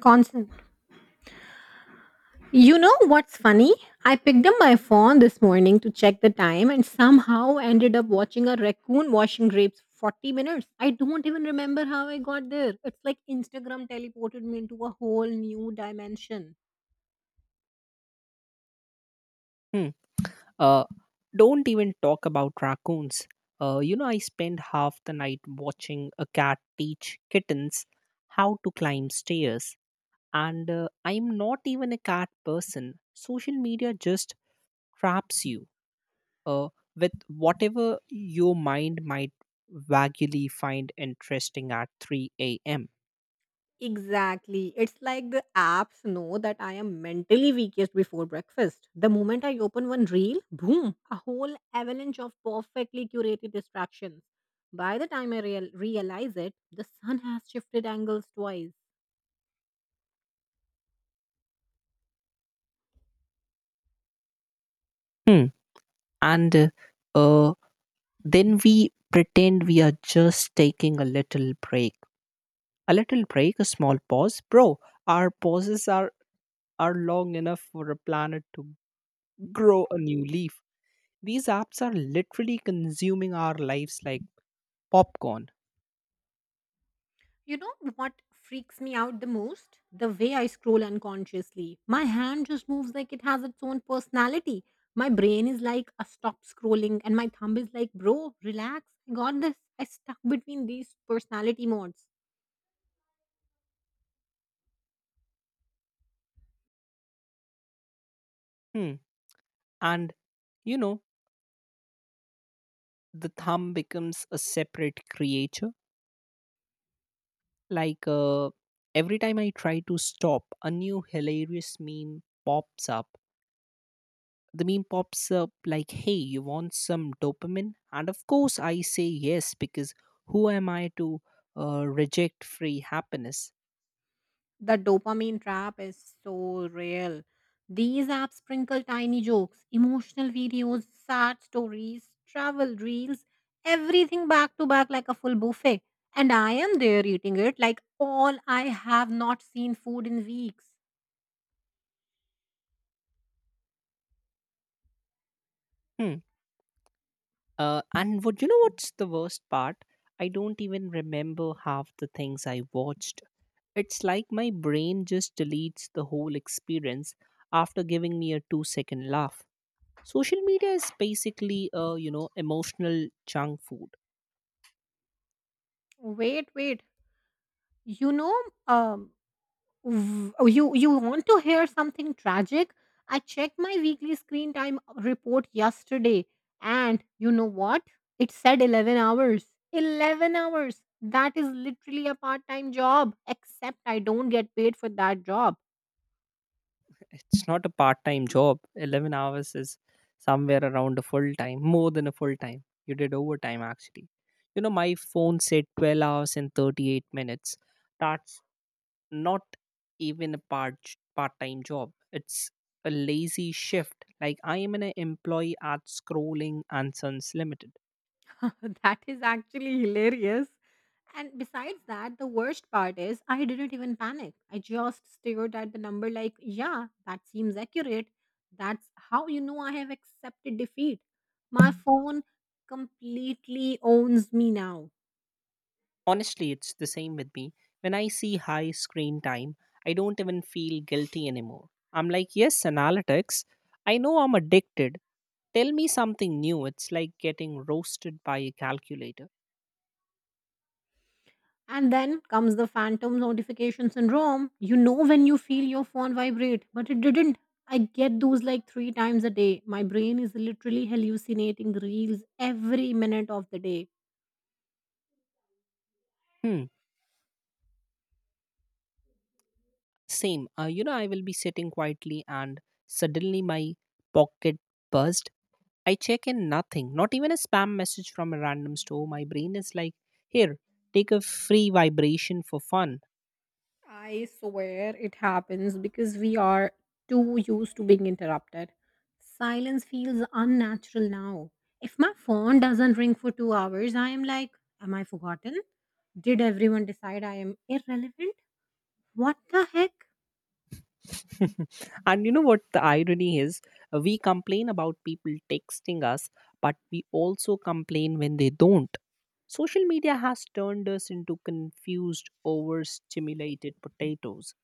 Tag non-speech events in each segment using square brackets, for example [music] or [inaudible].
Constant. You know what's funny? I picked up my phone this morning to check the time and somehow ended up watching a raccoon washing grapes for 40 minutes. I don't even remember how I got there. It's like Instagram teleported me into a whole new dimension. Hmm. Uh, don't even talk about raccoons. I spend half the night watching a cat teach kittens how to climb stairs. And I'm not even a cat person. Social media just traps you uh, with whatever your mind might vaguely find interesting at 3 a.m. Exactly. It's like the apps know that I am mentally weakest before breakfast. The moment I open one reel, boom, a whole avalanche of perfectly curated distractions. By the time I realize it, the sun has shifted angles twice. Hmm. And uh, then we pretend we are just taking a little break. A little break, a small pause. Bro, our pauses are long enough for a planet to grow a new leaf. These apps are literally consuming our lives like popcorn. You know what freaks me out the most? The way I scroll unconsciously. My hand just moves like it has its own personality. My brain is like, a stop scrolling, and my thumb is like, bro, relax. I got this. I stuck between these personality modes. Hmm. And, you know, the thumb becomes a separate creature. Like, every time I try to stop, a new hilarious meme pops up. The meme pops up like, hey, you want some dopamine? And of course, I say yes because who am I to reject free happiness? The dopamine trap is so real. These apps sprinkle tiny jokes, emotional videos, sad stories, travel reels, everything back to back like a full buffet. And I am there eating it like all I have not seen food in weeks. Hmm. And what you know what's the worst part? I don't even remember half the things I watched. It's like my brain just deletes the whole experience after giving me a 2 second laugh. Social media is basically a, emotional junk food. Wait, wait. You know, um, oh, you want to hear something tragic. I checked my weekly screen time report yesterday, and you know what it said? 11 hours. 11 hours. That is literally a part time job, except I don't get paid for that job. It's not a part time job. 11 hours is somewhere around a full time, more than a full time. You did overtime actually. You know, my phone said 12 hours and 38 minutes. That's not even a part time job. It's a lazy shift. Like I am an employee at Scrolling and Sons Limited. [laughs] That is actually hilarious. And besides that, the worst part is I didn't even panic. I just stared at the number like, yeah, that seems accurate. That's how you know I have accepted defeat. My phone completely owns me now. Honestly, it's the same with me. When I see high screen time, I don't even feel guilty anymore. I'm like, yes, analytics. I know I'm addicted. Tell me something new. It's like getting roasted by a calculator. And then comes the phantom notification syndrome. You know when you feel your phone vibrate, but it didn't. I get those like three times a day. My brain is literally hallucinating reels every minute of the day. Hmm. Same. I will be sitting quietly and suddenly my pocket buzzed. I check in nothing, not even a spam message from a random store. My brain is like, here, take a free vibration for fun. I swear it happens because we are too used to being interrupted. Silence feels unnatural now. If my phone doesn't ring for 2 hours, I am like, am I forgotten? Did everyone decide I am irrelevant? What the heck? [laughs] And you know what the irony is? We complain about people texting us, but we also complain when they don't. Social media has turned us into confused, overstimulated potatoes.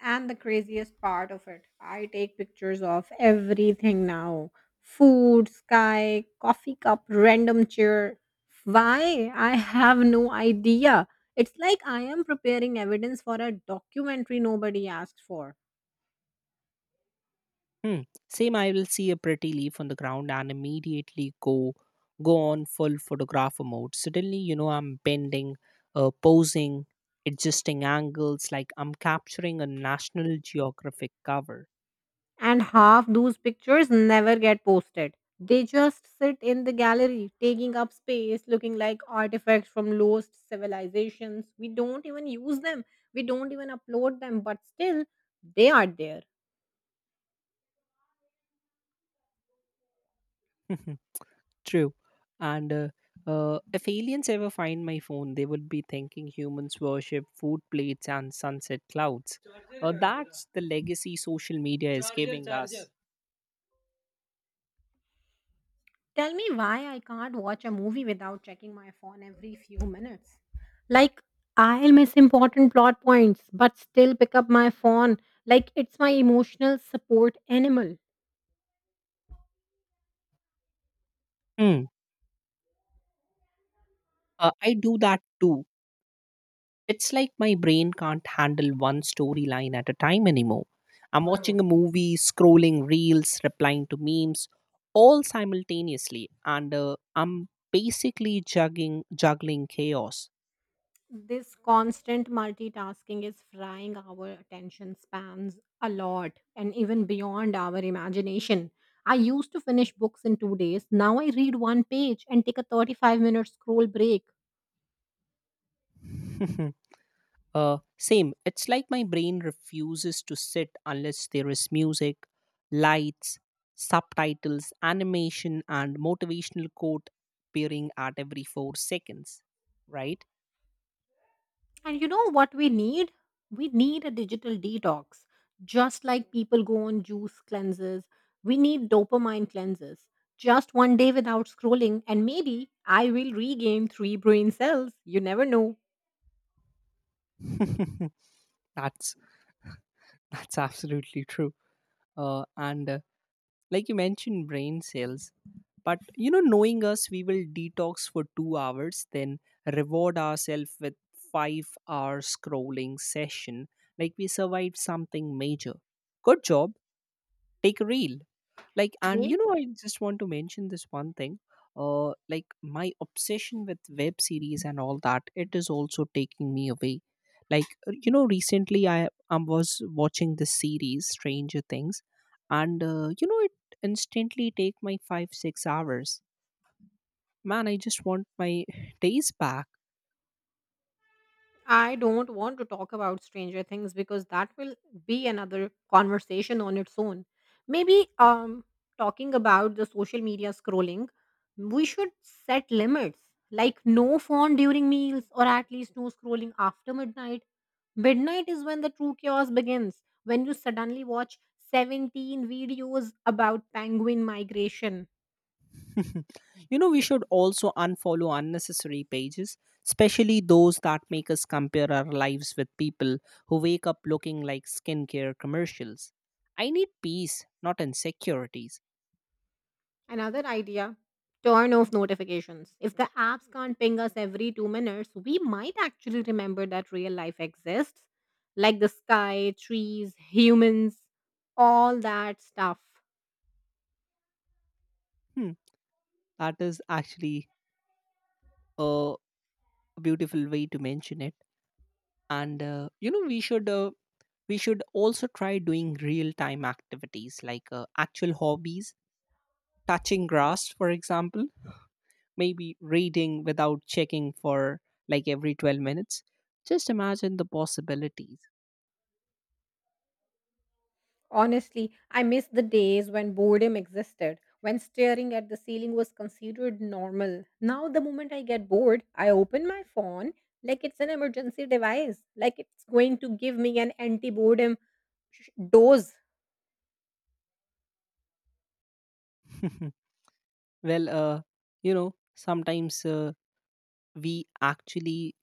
And the craziest part of it, I take pictures of everything now: food, sky, coffee cup, random chair. Why? I have no idea. It's like I am preparing evidence for a documentary nobody asked for. Hmm. Same, I will see a pretty leaf on the ground and immediately go on full photographer mode. Suddenly, I'm bending, posing, adjusting angles like I'm capturing a National Geographic cover. And half those pictures never get posted. They just sit in the gallery, taking up space, looking like artifacts from lost civilizations. We don't even use them, we don't even upload them, but still, they are there. [laughs] Mhm. True. And if aliens ever find my phone, they would be thinking humans worship food plates and sunset clouds. That's the legacy social media is giving us. Tell me why I can't watch a movie without checking my phone every few minutes. Like, I'll miss important plot points, but still pick up my phone like it's my emotional support animal. Mm. I do that too. It's like my brain can't handle one storyline at a time anymore. I'm watching a movie, scrolling reels, replying to memes, all simultaneously, and I'm basically juggling chaos. This constant multitasking is frying our attention spans a lot and even beyond our imagination. I used to finish books in 2 days. Now I read one page and take a 35-minute scroll break. [laughs] Same. It's like my brain refuses to sit unless there is music, lights, subtitles, animation, and motivational quote appearing at every 4 seconds. Right? And you know what we need? We need a digital detox. Just like people go on juice cleanses, we need dopamine cleanses. Just one day without scrolling, and maybe I will regain three brain cells. You never know. [laughs] That's That's absolutely true. And like you mentioned, brain cells. But you know, knowing us, we will detox for 2 hours, then reward ourselves with 5 hour scrolling session, like we survived something major. Good job. Take a reel. And you Maybe. know, I just want to mention this one thing. Like my obsession with web series and all that, it is also taking me away. Like recently, I was watching this series, Stranger Things, and it instantly take my 5 6 hours. Man, I just want my [laughs] days back. I don't want to talk about Stranger Things because that will be another conversation on its own. Maybe talking about the social media scrolling, we should set limits like no phone during meals or at least no scrolling after midnight. Midnight is when the true chaos begins, when you suddenly watch 17 videos about penguin migration. [laughs] We should also unfollow unnecessary pages, especially those that make us compare our lives with people who wake up looking like skincare commercials. I need peace, not insecurities. Another idea, turn off notifications. If the apps can't ping us every 2 minutes, we might actually remember that real life exists, like the sky, trees, humans, all that stuff. Hmm, that is actually a beautiful way to mention it. And we should also try doing real time activities, like actual hobbies, touching grass, for example, maybe reading without checking for like every 12 minutes. Just imagine the possibilities. Honestly, I miss the days when boredom existed, when staring at the ceiling was considered normal. Now, the moment I get bored, I open my phone like it's an emergency device, like it's going to give me an anti boredom dose. [laughs] Well, sometimes we actually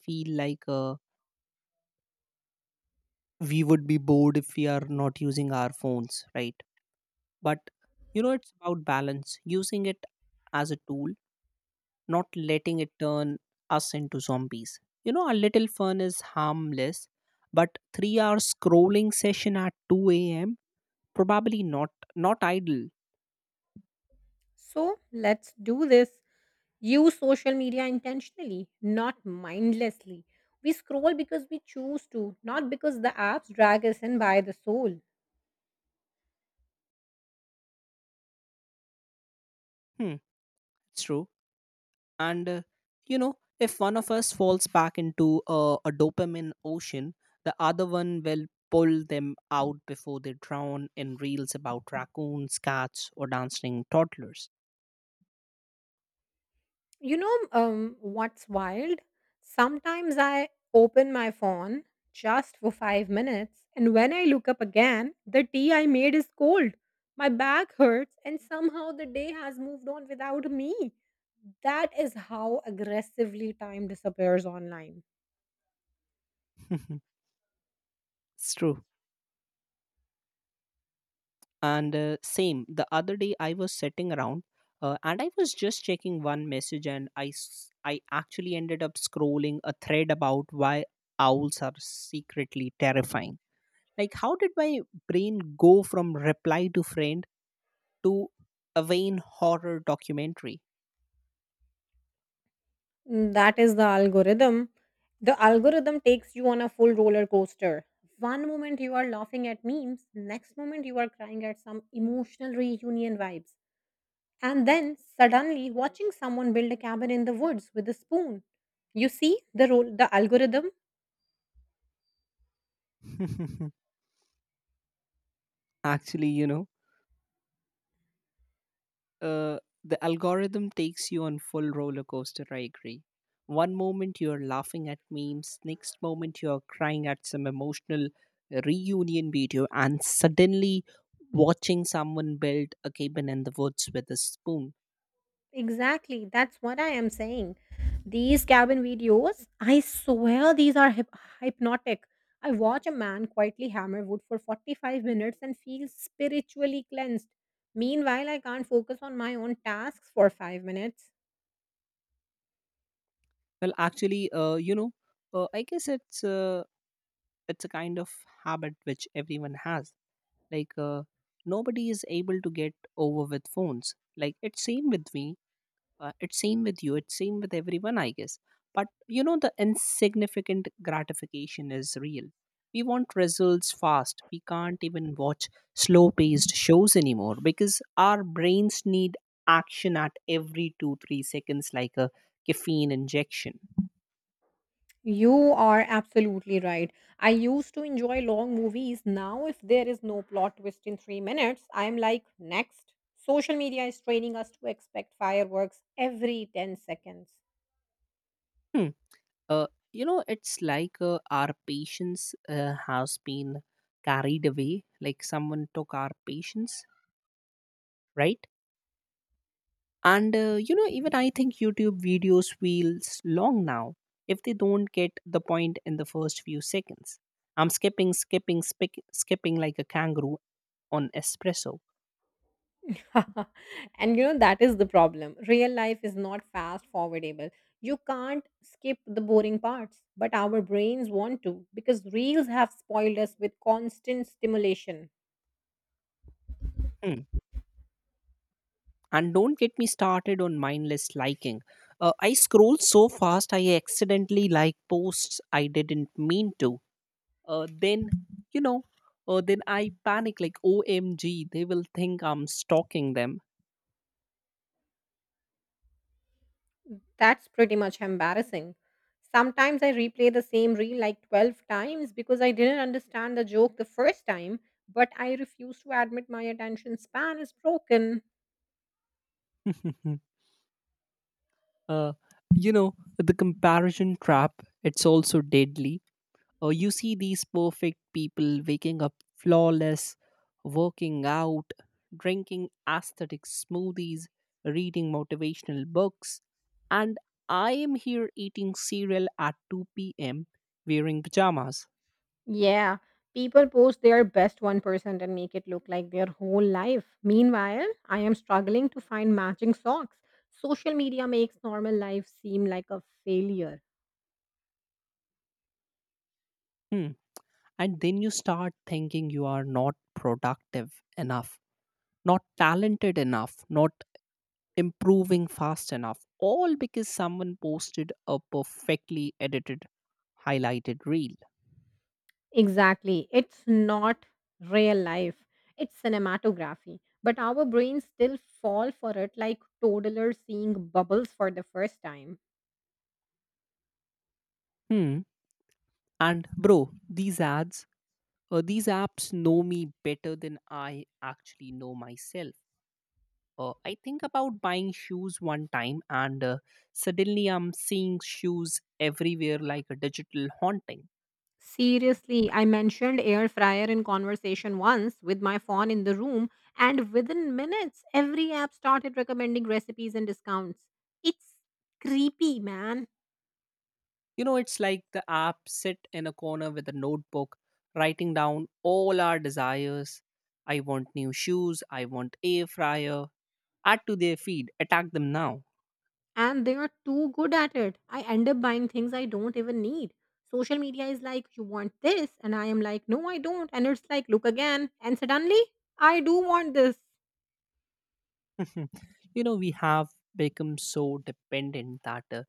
feel like we would be bored if we are not using our phones, right? But it's about balance, using it as a tool, not letting it turn us into zombies. You know, a little fun is harmless, but 3 hour scrolling session at 2 a.m. probably not, not ideal. So let's do this. Use social media intentionally, not mindlessly. We scroll because we choose to, not because the apps drag us in by the soul. Hmm, it's true. And you know if one of us falls back into a dopamine ocean, the other one will pull them out before they drown in reels about raccoons, cats, or dancing toddlers. You know, what's wild? Sometimes I open my phone just for 5 minutes, and when I look up again, the tea I made is cold. My back hurts, and somehow the day has moved on without me. That is how aggressively time disappears online. [laughs] It's true. And same, the other day I was sitting around, and I was just checking one message, and I actually ended up scrolling a thread about why owls are secretly terrifying, like how did my brain go from reply to friend to a vain horror documentary. Mm, that is the algorithm. The algorithm takes you on a full roller coaster. One moment you are laughing at memes, next moment you are crying at some emotional reunion vibes. And then suddenly watching someone build a cabin in the woods with a spoon. You see, the role the algorithm. [laughs] Actually, the algorithm takes you on full roller coaster. I agree. One moment you're laughing at memes, next moment you're crying at some emotional reunion video, and suddenly watching someone build a cabin in the woods with a spoon. Exactly. That's what I am saying. These cabin videos, I swear these are hypnotic. I watch a man quietly hammer wood for 45 minutes and feel spiritually cleansed. Meanwhile, I can't focus on my own tasks for 5 minutes. Well, actually, I guess it's a kind of habit which everyone has. Like nobody is able to get over with phones. Like it's same with me, it's same with you, it's same with everyone, I guess. But the insignificant gratification is real. We want results fast. We can't even watch slow paced shows anymore because our brains need action at every 2 3 seconds, like a caffeine injection. You are absolutely right. I used to enjoy long movies. Now, if there is no plot twist in 3 minutes, I am like, next. Social media is training us to expect fireworks every 10 seconds. Hmm. It's like our patience has been carried away. Like someone took our patience, right? And even I think YouTube videos feels long now if they don't get the point in the first few seconds. I'm skipping, skipping, skipping like a kangaroo on espresso. [laughs] And you know that is the problem. Real life is not fast forwardable. You can't skip the boring parts, but our brains want to, because reels have spoiled us with constant stimulation. Hmm. And don't get me started on mindless liking. I scroll so fast I accidentally like posts I didn't mean to then you know then I panic like OMG, they will think I'm stalking them. That's pretty much embarrassing. Sometimes I replay the same reel like 12 times because I didn't understand the joke the first time, but I refuse to admit my attention span is broken. [laughs] uh, you know, the comparison trap, it's also deadly. You see these perfect people waking up flawless, working out, drinking aesthetic smoothies, reading motivational books, and I am here eating cereal at 2 p.m, wearing pajamas. Yeah, people post their best 1% and make it look like their whole life. Meanwhile, I am struggling to find matching socks. Social media makes normal life seem like a failure. Hmm. And then you start thinking you are not productive enough, not talented enough, not improving fast enough, all because someone posted a perfectly edited highlighted reel. Exactly. It's not real life, it's cinematography. But our brains still fall for it like toddlers seeing bubbles for the first time. Hmm. And bro, these apps know me better than I actually know myself. I think about buying shoes one time, and suddenly I'm seeing shoes everywhere like a digital haunting. Seriously, I mentioned air fryer in conversation once with my phone in the room, and within minutes, every app started recommending recipes and discounts. It's creepy, man. You know, it's like the app sit in a corner with a notebook, writing down all our desires. I want new shoes. I want air fryer. Add to their feed. Attack them now. And they are too good at it. I end up buying things I don't even need. Social media is like, you want this? And I am like, no, I don't. And it's like, look again. And suddenly, I do want this. [laughs] We have become so dependent that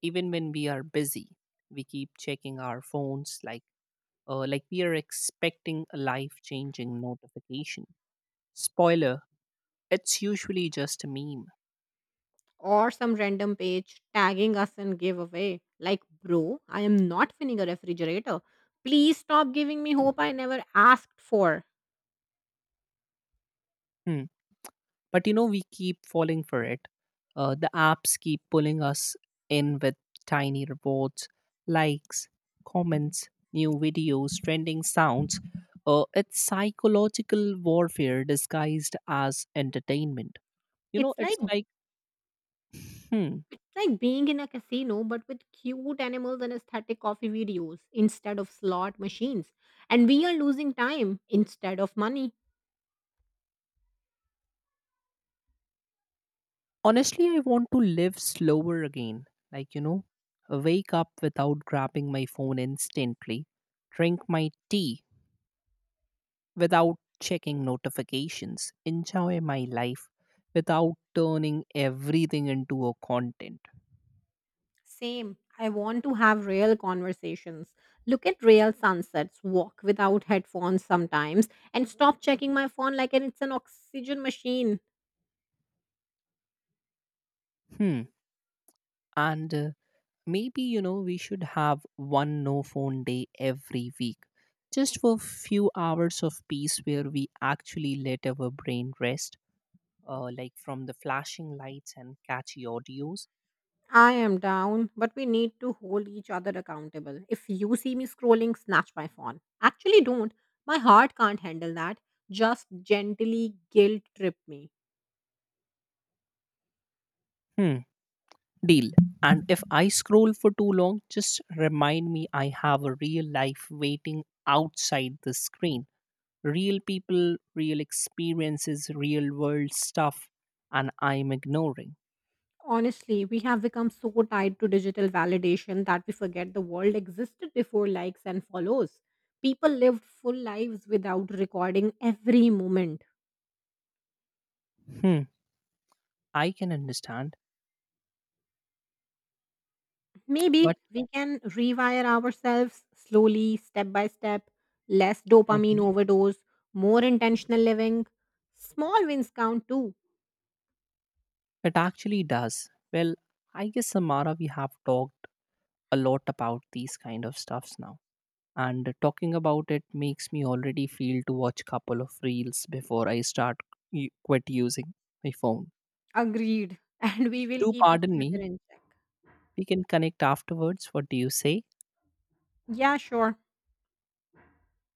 even when we are busy, we keep checking our phones, like we are expecting a life changing notification. Spoiler, it's usually just a meme. Or some random page tagging us in giveaway. Like, bro, I am not winning a refrigerator. Please stop giving me hope I never asked for. Hmm. But we keep falling for it. The apps keep pulling us in with tiny rewards, likes, comments, new videos, trending sounds. It's psychological warfare disguised as entertainment. You know, It's like it's like. Hmm. it's like being in a casino but with cute animals and aesthetic coffee videos instead of slot machines. And we are losing time instead of money. Honestly, I want to live slower again. Like, wake up without grabbing my phone instantly, drink my tea without checking notifications, enjoy my life without turning everything into a content. Same. I want to have real conversations. Look at real sunsets, walk without headphones sometimes, and stop checking my phone like it's an oxygen machine. Hmm. And maybe we should have one no phone day every week, just for few hours of peace where we actually let our brain rest, like from the flashing lights and catchy audios. I am down, but we need to hold each other accountable. If you see me scrolling, snatch my phone. Actually, don't. My heart can't handle that. Just gently guilt trip me. Hmm, deal. And if I scroll for too long, just remind me I have a real life waiting outside the screen, real people, real experiences, real world stuff, and I'm ignoring. Honestly, we have become so tied to digital validation that we forget the world existed before likes and follows. People lived full lives without recording every moment. Hmm, I can understand, Maybe but we can rewire ourselves slowly, step by step, less dopamine Mhm. overdose, more intentional living. Small wins count too. It actually does. Well, I guess Samara, we have talked a lot about these kind of stuffs now. And talking about it makes me already feel to watch couple of reels before I start quit using my phone. Agreed. [laughs] And we So will do keep each pardon other me. in check. We can connect afterwards. What do you say? Yeah, sure.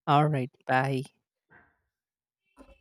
All right. Bye.